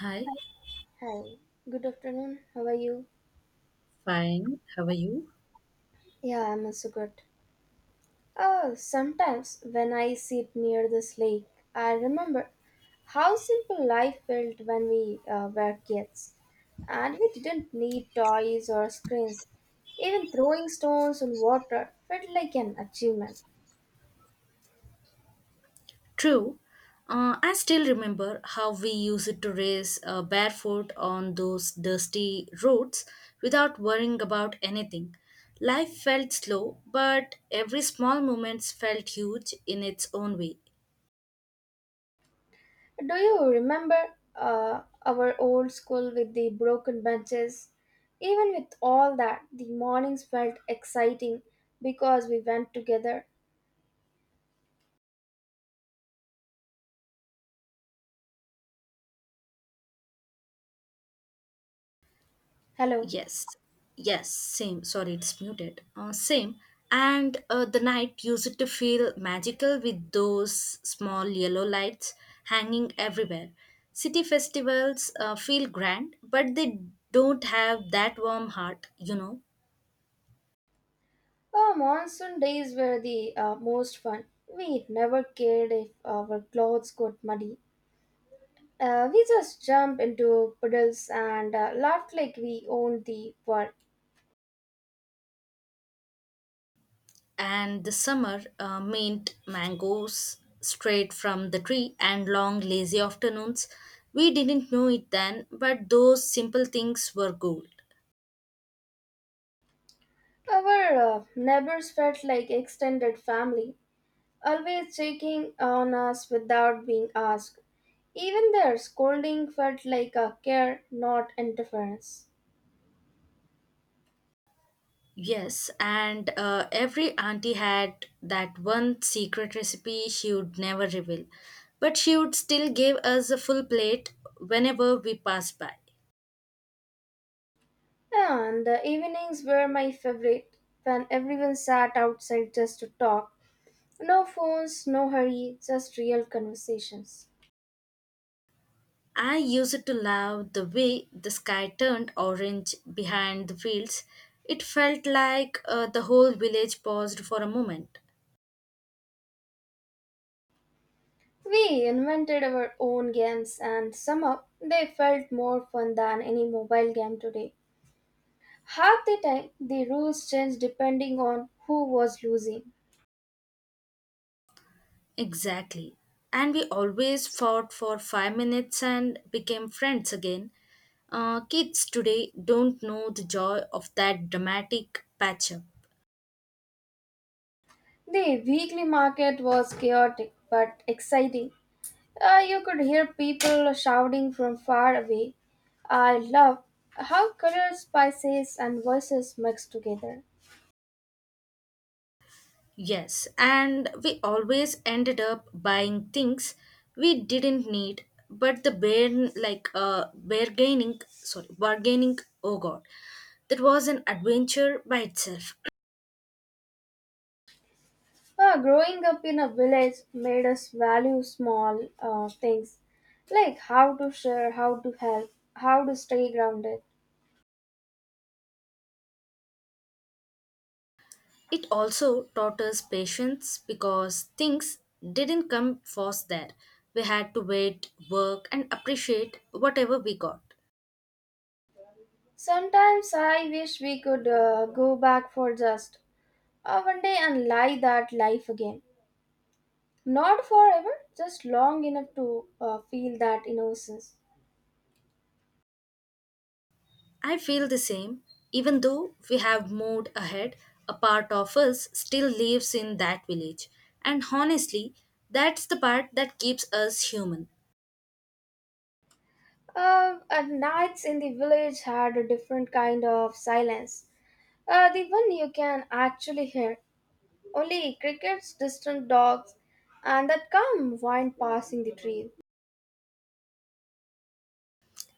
Hi, Hi, good afternoon. How are you? fine. How are you? Yeah, I'm also good. Oh, sometimes when I sit near this lake, I remember how simple life felt when we were kids. And we didn't need toys or screens. Even throwing stones on water felt like an achievement. True. I still remember how we used to race barefoot on those dusty roads without worrying about anything. Life felt slow, but every small moment felt huge in its own way. Do you remember our old school with the broken benches? Even with all that, the mornings felt exciting because we went together. Hello. Yes, yes, same. Sorry, it's muted. Same. And the night used to feel magical with those small yellow lights hanging everywhere. City festivals feel grand, but they don't have that warm heart, you know. Our monsoon days were the most fun. We never cared if our clothes got muddy. We just jumped into puddles and laughed like we owned the world. And the summer meant mangoes straight from the tree and long, lazy afternoons. We didn't know it then, but those simple things were gold. Our neighbors felt like extended family, always checking on us without being asked. Even their scolding felt like a care, not interference. Yes, and every auntie had that one secret recipe she would never reveal, but she would still give us a full plate whenever we passed by. And the evenings were my favorite when everyone sat outside just to talk. No phones, no hurry, just real conversations. I used to love the way the sky turned orange behind the fields. It felt like the whole village paused for a moment. We invented our own games and somehow they felt more fun than any mobile game today. Half the time, the rules changed depending on who was losing. Exactly. And we always fought for 5 minutes and became friends again. Kids today don't know the joy of that dramatic patch up. The weekly market was chaotic but exciting. You could hear people shouting from far away. I love how colors, spices, and voices mixed together. Yes, and we always ended up buying things we didn't need, but the bear like bargaining sorry bargaining, oh god, that was an adventure by itself. Growing up in a village made us value small things like how to share, how to help, how to stay grounded. It also taught us patience because things didn't come fast there. We had to wait, work, and appreciate whatever we got. Sometimes I wish we could go back for just one day and live that life again. Not forever, just long enough to feel that innocence. I feel the same, even though we have moved ahead, a part of us still lives in that village. And honestly, that's the part that keeps us human. At nights in the village had a different kind of silence. The one you can actually hear. Only crickets, distant dogs, and that calm wind passing the trees.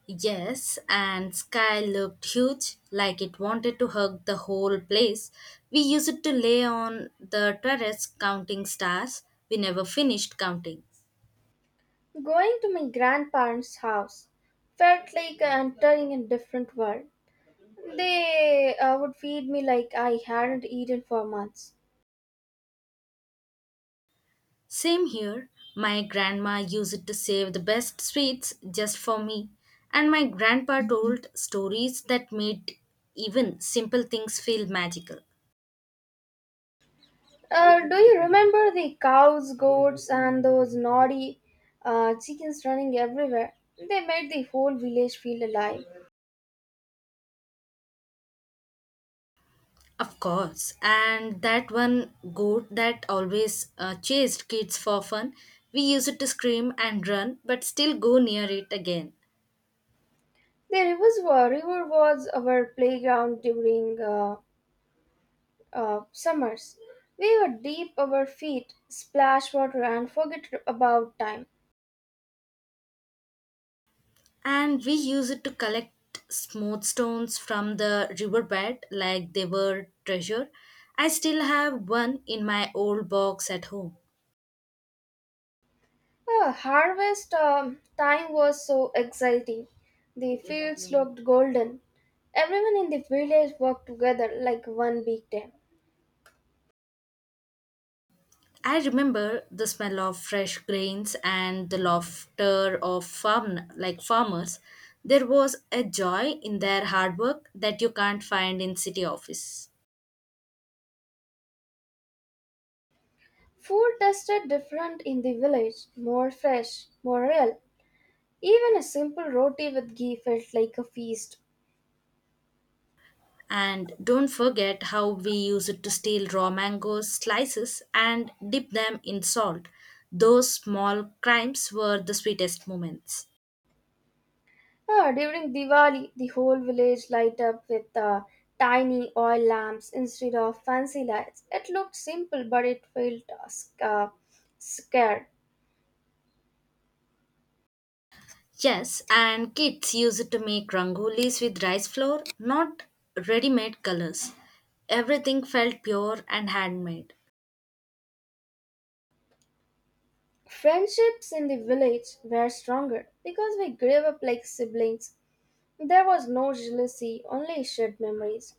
Yes, and sky looked huge, like it wanted to hug the whole place. We used to lay on the terrace counting stars. We never finished counting. Going to my grandparents' house felt like entering a different world. They would feed me like I hadn't eaten for months. Same here. My grandma used to save the best sweets just for me. And my grandpa told stories that made even simple things feel magical. Do you remember the cows, goats, and those naughty chickens running everywhere? They made the whole village feel alive. Of course, and that one goat that always chased kids for fun, we use it to scream and run, but still go near it again. River was our playground during summers. We would dip our feet, splash water, and forget about time. And we use it to collect smooth stones from the riverbed like they were treasure. I still have one in my old box at home. Harvest time was so exciting. The fields looked golden. Everyone in the village worked together like one big team. I remember the smell of fresh grains and the laughter of farmers. There was a joy in their hard work that you can't find in city office. Food tasted different in the village, more fresh, more real. Even a simple roti with ghee felt like a feast. And don't forget how we used to steal raw mangoes slices and dip them in salt. Those small crimes were the sweetest moments. Ah, during Diwali, the whole village light up with tiny oil lamps instead of fancy lights. It looked simple, but it felt scared. Yes, and kids use it to make rangolis with rice flour, not ready made colors. Everything felt pure and handmade. Friendships in the village were stronger because we grew up like siblings. There was no jealousy, only shared memories.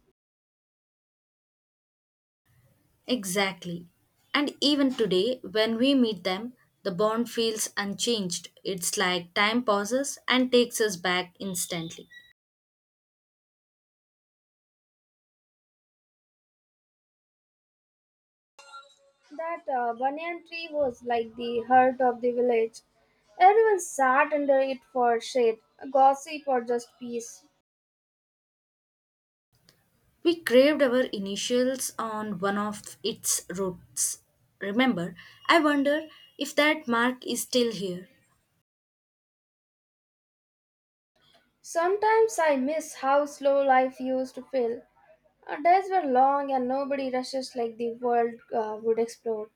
Exactly. And even today, when we meet them, the bond feels unchanged. It's like time pauses and takes us back instantly. That banyan tree was like the heart of the village. Everyone sat under it for shade, gossip, or just peace. We craved our initials on one of its roots. Remember, I wonder if that mark is still here. Sometimes I miss how slow life used to feel. Our days were long and nobody rushes like the world would explode.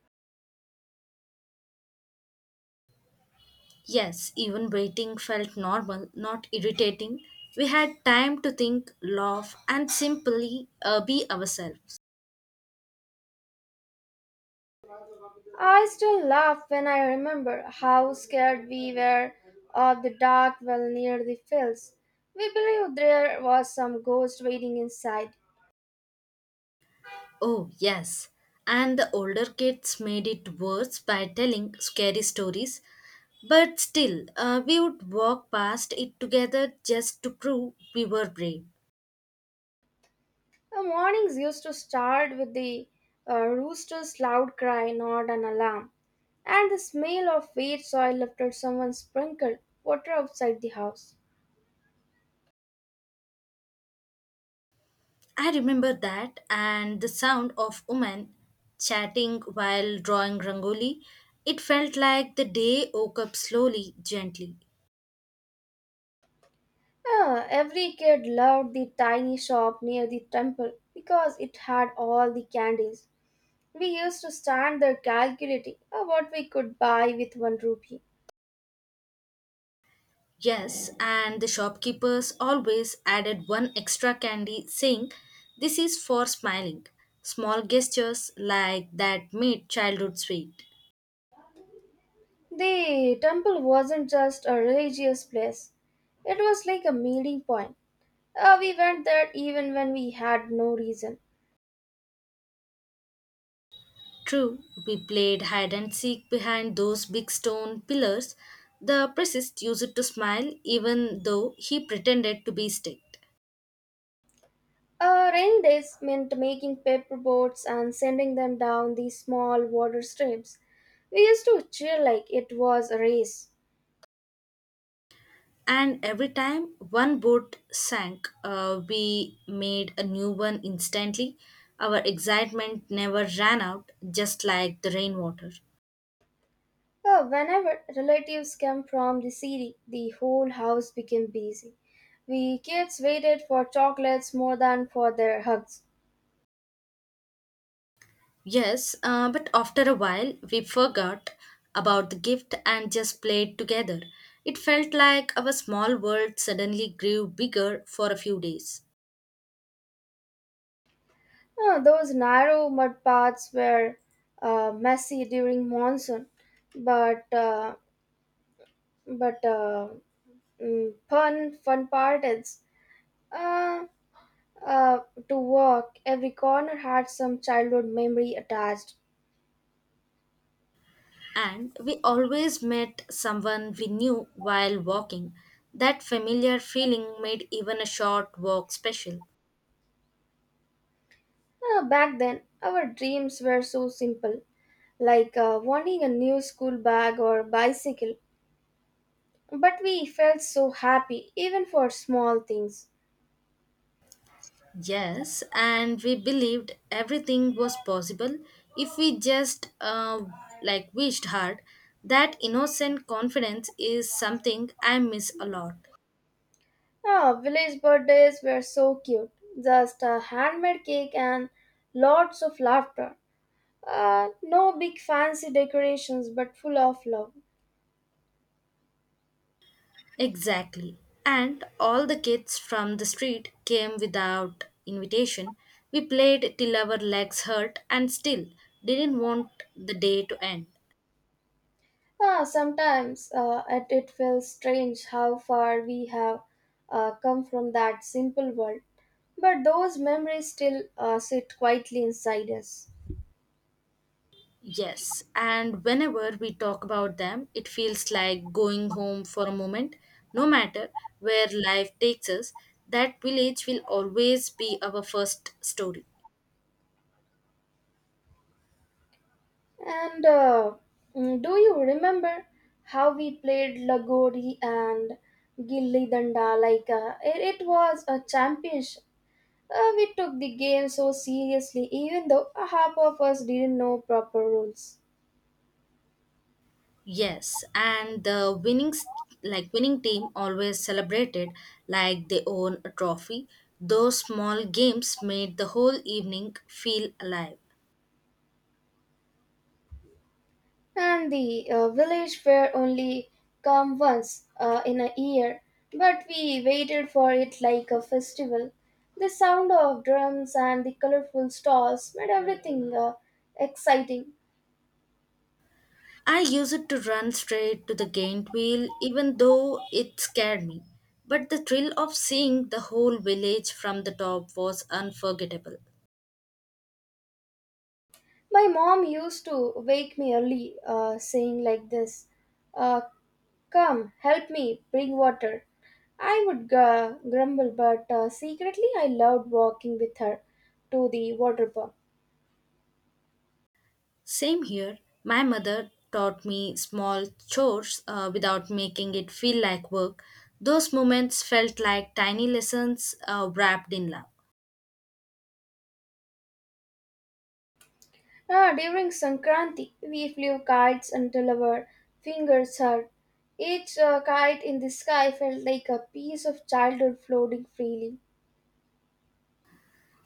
Yes, even waiting felt normal, not irritating. We had time to think, laugh, and simply be ourselves. I still laugh when I remember how scared we were of the dark well near the fields. We believed there was some ghost waiting inside. Oh, yes. And the older kids made it worse by telling scary stories. But still, we would walk past it together just to prove we were brave. The mornings used to start with the rooster's loud cry, not an alarm, and the smell of wet soil after someone sprinkled water outside the house. I remember that and the sound of women chatting while drawing rangoli. It felt like the day woke up slowly, gently. Yeah, every kid loved the tiny shop near the temple because it had all the candies. We used to stand there calculating what we could buy with one rupee. Yes, and the shopkeepers always added one extra candy, saying, "This is for smiling." Small gestures like that made childhood sweet. The temple wasn't just a religious place, it was like a meeting point. We went there even when we had no reason. True, we played hide and seek behind those big stone pillars. The priest used to smile even though he pretended to be strict. Rainy days meant making paper boats and sending them down these small water streams. We used to cheer like it was a race. And every time one boat sank, we made a new one instantly. Our excitement never ran out, just like the rainwater. Oh, whenever relatives came from the city, the whole house became busy. We kids waited for chocolates more than for their hugs. Yes, but after a while, we forgot about the gift and just played together. It felt like our small world suddenly grew bigger for a few days. Oh, those narrow mud paths were messy during monsoon, but uh, but uh, fun part is uh, uh, to walk. Every corner had some childhood memory attached. And we always met someone we knew while walking. That familiar feeling made even a short walk special. Back then, our dreams were so simple, like wanting a new school bag or bicycle. But we felt so happy, even for small things. Yes, and we believed everything was possible if we just wished hard. That innocent confidence is something I miss a lot. Ah, village birthdays were so cute, just a handmade cake and lots of laughter. No big fancy decorations, but full of love. Exactly. And all the kids from the street came without invitation. We played till our legs hurt and still didn't want the day to end. Ah, sometimes it feels strange how far we have come from that simple world, but those memories still sit quietly inside us. Yes, and whenever we talk about them, it feels like going home for a moment. No matter where life takes us, that village will always be our first story. And uh, do you remember how we played Lagori and Gilli Danda? It was a championship. We took the game so seriously, even though half of us didn't know proper rules. Yes, and the winning team always celebrated like they own a trophy. Those small games made the whole evening feel alive. And the village fair only come once in a year, but we waited for it like a festival. The sound of drums and the colorful stalls made everything exciting. I used it to run straight to the gaint wheel, even though it scared me. But the thrill of seeing the whole village from the top was unforgettable. My mom used to wake me early saying like this, uh, come help me bring water. I would grumble but secretly I loved walking with her to the water pump. Same here, my mother taught me small chores without making it feel like work. Those moments felt like tiny lessons wrapped in love. Ah, during Sankranti, we flew kites until our fingers hurt. Each kite in the sky felt like a piece of childhood floating freely.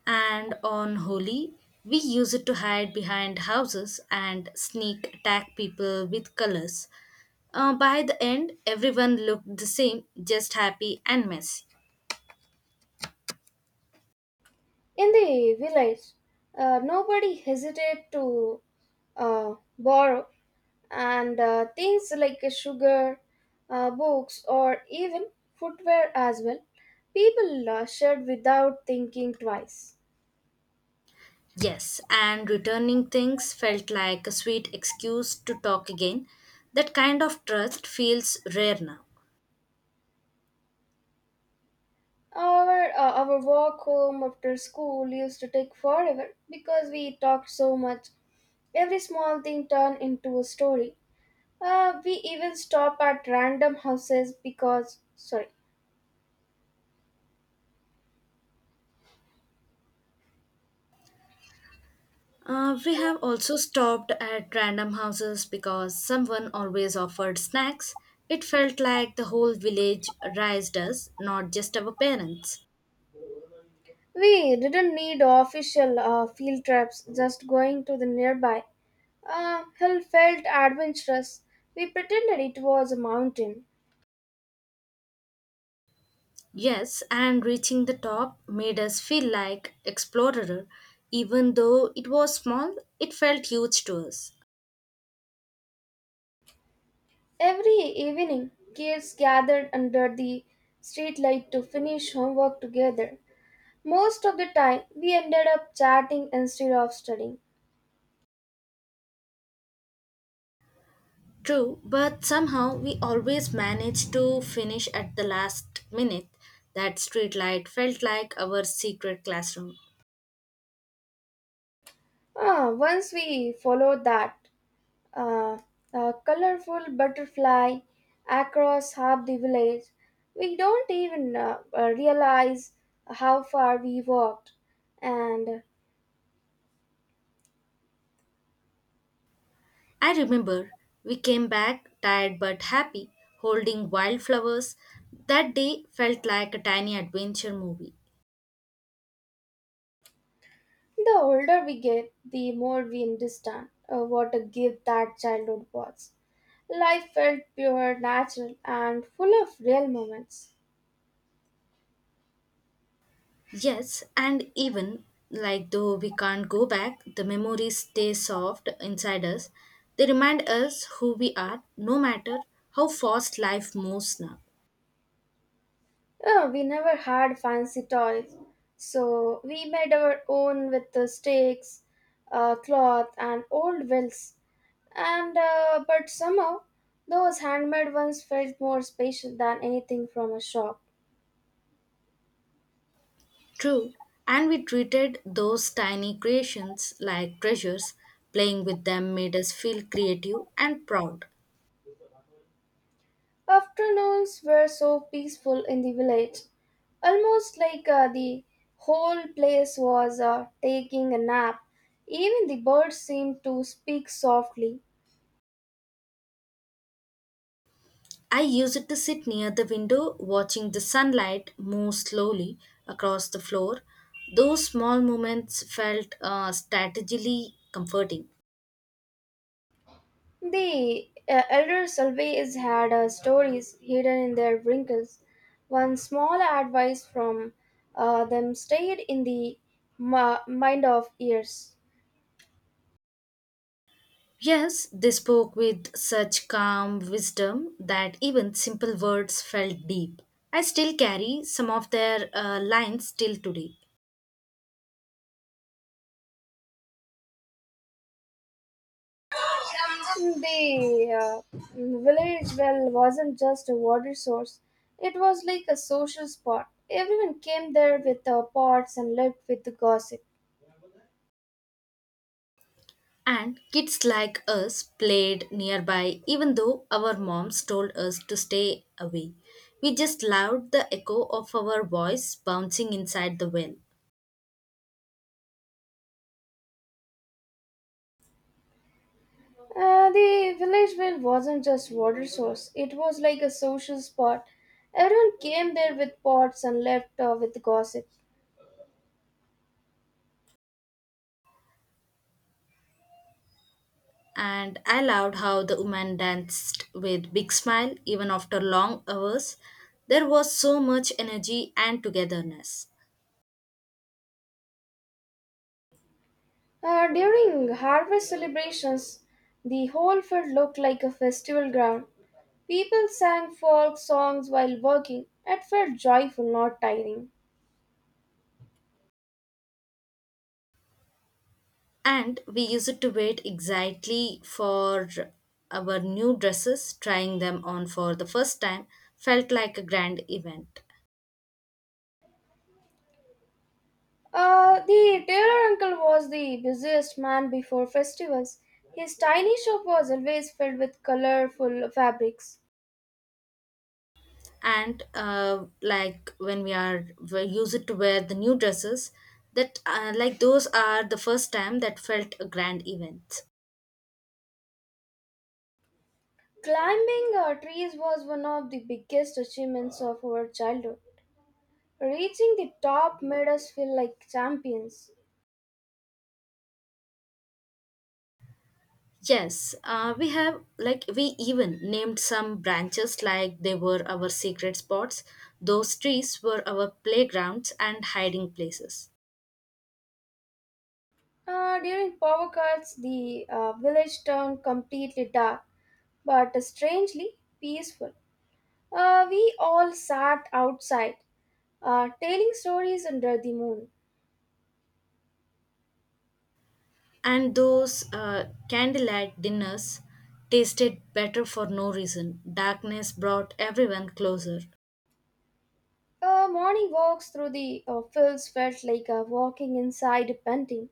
And on Holi, we use it to hide behind houses and sneak attack people with colors. By the end, everyone looked the same, just happy and messy. In the village, nobody hesitated to borrow, and things like sugar, books, or even footwear as well, people shared without thinking twice. Yes, and returning things felt like a sweet excuse to talk again. That kind of trust feels rare now. Our walk home after school used to take forever because we talked so much. Every small thing turned into a story. We even stopped at random houses because sorry, We have also stopped at random houses because someone always offered snacks. It felt like the whole village raised us, not just our parents. we didn't need official field trips. Just going to the nearby hill felt adventurous. We pretended it was a mountain. Yes, and reaching the top made us feel like explorer. Even though it was small, it felt huge to us. Every evening, kids gathered under the streetlight to finish homework together. Most of the time, we ended up chatting instead of studying. True, but somehow we always managed to finish at the last minute. That streetlight felt like our secret classroom. Ah, once we followed that uh, a colorful butterfly across half the village, we don't even realize how far we walked. And I remember we came back tired but happy, holding wildflowers. That day felt like a tiny adventure movie. the older we get, the more we understand what a gift that childhood was. Life felt pure, natural, and full of real moments. Yes, and even though we can't go back, the memories stay soft inside us. They remind us who we are, no matter how fast life moves now. Oh, we never had fancy toys, so we made our own with the sticks, cloth, and old wills. And but somehow, those handmade ones felt more special than anything from a shop. True, and we treated those tiny creations like treasures. Playing with them made us feel creative and proud. Afternoons were so peaceful in the village, almost like the whole place was taking a nap. Even the birds seemed to speak softly. I used to sit near the window watching the sunlight move slowly across the floor. Those small moments felt strategically comforting. The elders always had stories hidden in their wrinkles. One small advice from them stayed in the mind of years. Yes, they spoke with such calm wisdom that even simple words felt deep. I still carry some of their lines till today. The village well wasn't just a water source, it was like a social spot. Everyone came there with pots and lived with the gossip. And kids like us played nearby, even though our moms told us to stay away. We just loved the echo of our voice bouncing inside the well. The village well wasn't just water source. It was like a social spot. Everyone came there with pots and left with gossip. And I loved how the woman danced with big smile even after long hours. There was so much energy and togetherness. During harvest celebrations, the whole field looked like a festival ground. People sang folk songs while working. It felt joyful, not tiring. And we used to wait exactly for our new dresses, trying them on for the first time felt like a grand event. The tailor uncle was the busiest man before festivals. His tiny shop was always filled with colorful fabrics. And like when we are we used to wear the new dresses, that like those are the first time that felt a grand event. Climbing trees was one of the biggest achievements of our childhood. Reaching the top made us feel like champions. Yes, we have like we even named some branches like they were our secret spots. Those trees were our playgrounds and hiding places. During power cuts, the village turned completely dark, but strangely peaceful. We all sat outside, telling stories under the moon. And those candlelight dinners tasted better for no reason. Darkness brought everyone closer. Morning walks through the fields felt like walking inside a painting.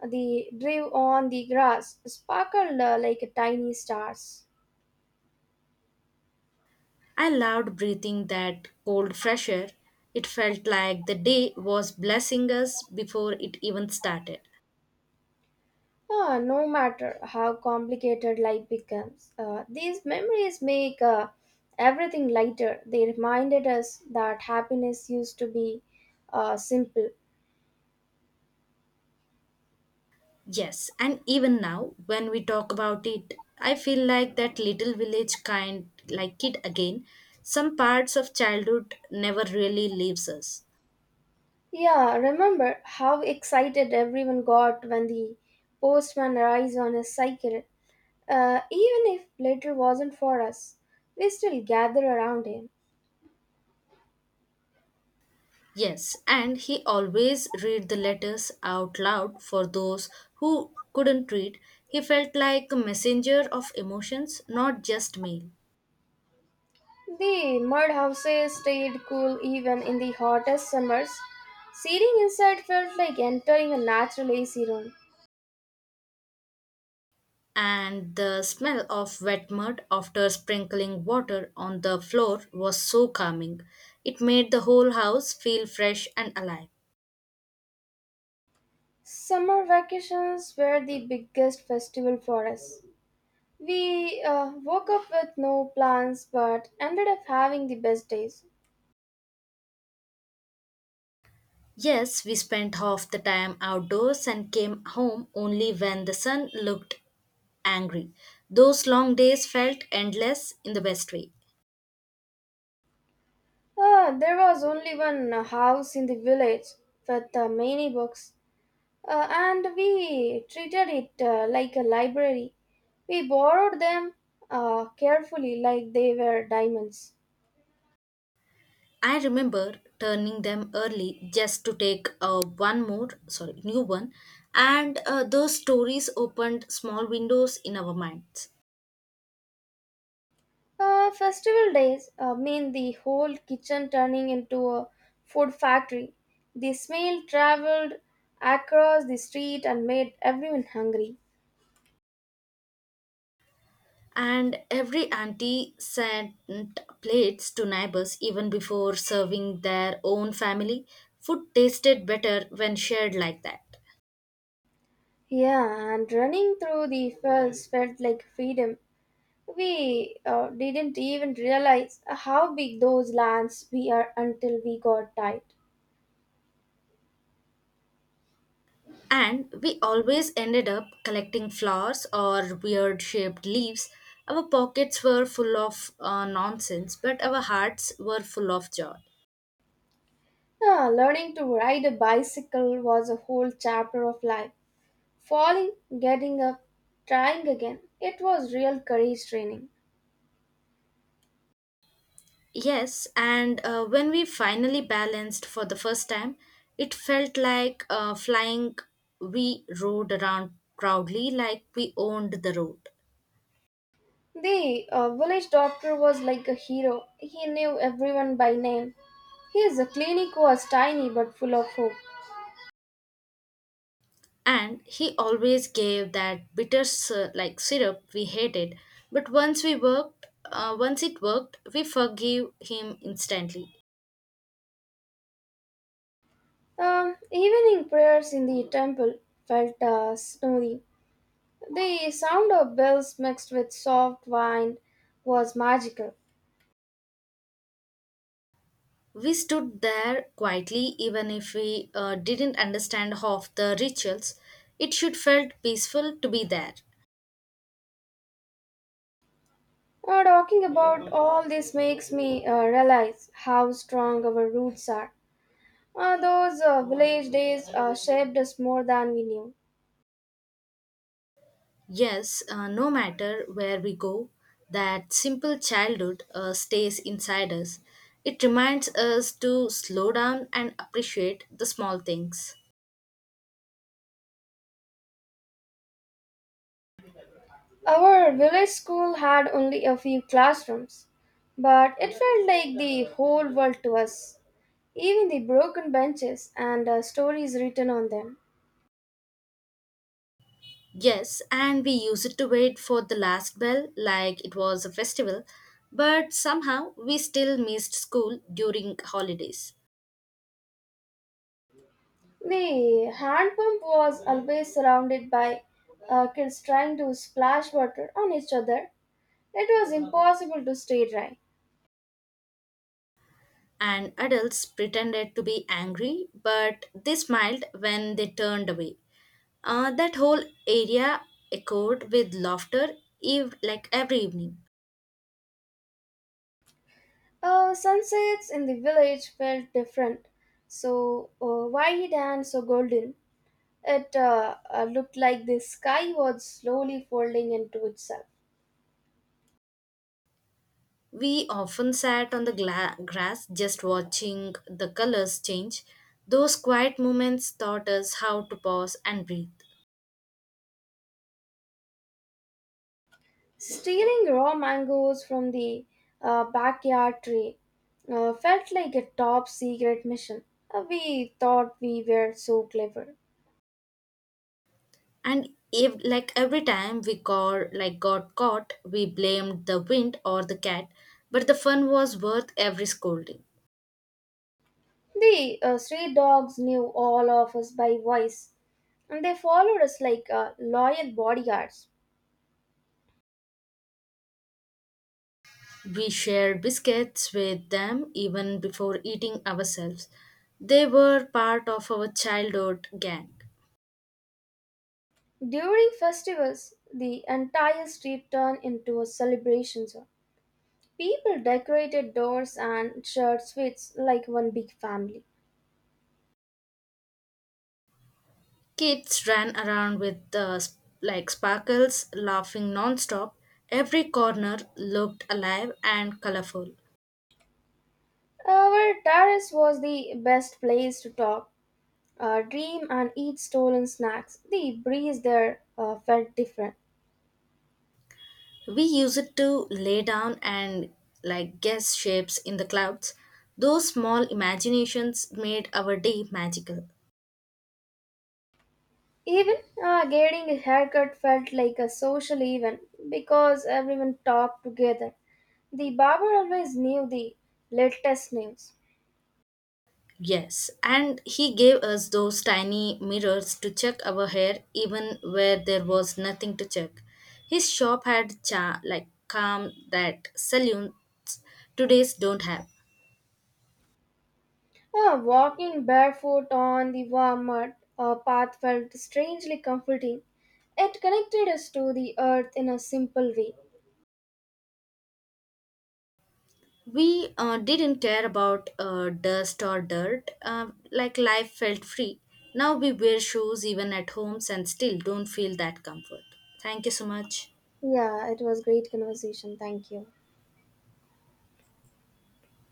The dew on the grass sparkled like tiny stars. I loved breathing that cold fresh air. It felt like the day was blessing us before it even started. Ah, no matter how complicated life becomes, these memories make everything lighter. They reminded us that happiness used to be simple. Yes, and even now, when we talk about it, I feel like that little village kind like kid again. Some parts of childhood never really leaves us. Yeah, remember how excited everyone got when the postman arrives on his cycle. Even if later wasn't for us, we still gather around him. Yes, and he always read the letters out loud for those who couldn't read. He felt like a messenger of emotions, not just mail. The mud houses stayed cool even in the hottest summers. Sitting inside felt like entering a natural AC room. And the smell of wet mud after sprinkling water on the floor was so calming. It made the whole house feel fresh and alive. Summer vacations were the biggest festival for us. We woke up with no plans but ended up having the best days. Yes, we spent half the time outdoors and came home only when the sun looked angry. Those long days felt endless in the best way. There was only one house in the village with many books. And we treated it like a library. We borrowed them carefully like they were diamonds. I remember turning them early just to take new one, and those stories opened small windows in our minds. Festival days mean the whole kitchen turning into a food factory. The smell traveled across the street and made everyone hungry. And every auntie sent plates to neighbors even before serving their own family. Food tasted better when shared like that. Yeah, and running through the fields felt like freedom. We didn't even realize how big those lands we are until we got tired. And we always ended up collecting flowers or weird shaped leaves. Our pockets were full of nonsense, but our hearts were full of joy. Ah, learning to ride a bicycle was a whole chapter of life. Falling, getting up, trying again. It was real courage training. Yes, and when we finally balanced for the first time, it felt like flying. We rode around proudly like we owned the road. The village doctor was like a hero. He knew everyone by name. His clinic was tiny but full of hope. And he always gave that bitter syrup we hated. But once it worked, we forgave him instantly. Evening prayers in the temple felt snowy. The sound of bells mixed with soft wind was magical. We stood there quietly, even if we didn't understand half the rituals. It should felt peaceful to be there. Talking about all this makes me realize how strong our roots are. Those village days shaped us more than we knew. Yes, no matter where we go, that simple childhood stays inside us. It reminds us to slow down and appreciate the small things. Our village school had only a few classrooms, but it felt like the whole world to us. Even the broken benches and stories written on them. Yes, and we used to wait for the last bell like it was a festival, but somehow we still missed school during holidays. The hand pump was always surrounded by kids trying to splash water on each other. It was impossible to stay dry. And adults pretended to be angry, but they smiled when they turned away. That whole area echoed with laughter, every evening. Sunsets in the village felt different, so wide and so golden. It looked like the sky was slowly folding into itself. We often sat on the grass just watching the colors change. Those quiet moments taught us how to pause and breathe. Stealing raw mangoes from the backyard tree felt like a top secret mission. We thought we were so clever. And if, like every time we got like got caught, we blamed the wind or the cat, but the fun was worth every scolding. The stray dogs knew all of us by voice, and they followed us like loyal bodyguards. We shared biscuits with them even before eating ourselves. They were part of our childhood gang. During festivals, the entire street turned into a celebration zone. People decorated doors and shared sweets like one big family. Kids ran around with the sparkles, laughing nonstop. Every corner looked alive and colorful. Our terrace was the best place to talk, dream, and eat stolen snacks. The breeze there felt different. We used it to lay down and guess shapes in the clouds. Those small imaginations made our day magical. Even getting a haircut felt like a social event because everyone talked together. The barber always knew the latest news. Yes, and he gave us those tiny mirrors to check our hair even where there was nothing to check. His shop had cha like calm that saloons today's don't have. Ah, walking barefoot on the warm mud path felt strangely comforting. It connected us to the earth in a simple way. We didn't care about dust or dirt, life felt free. Now we wear shoes even at homes and still don't feel that comfort. Thank you so much. Yeah, it was great conversation. Thank you.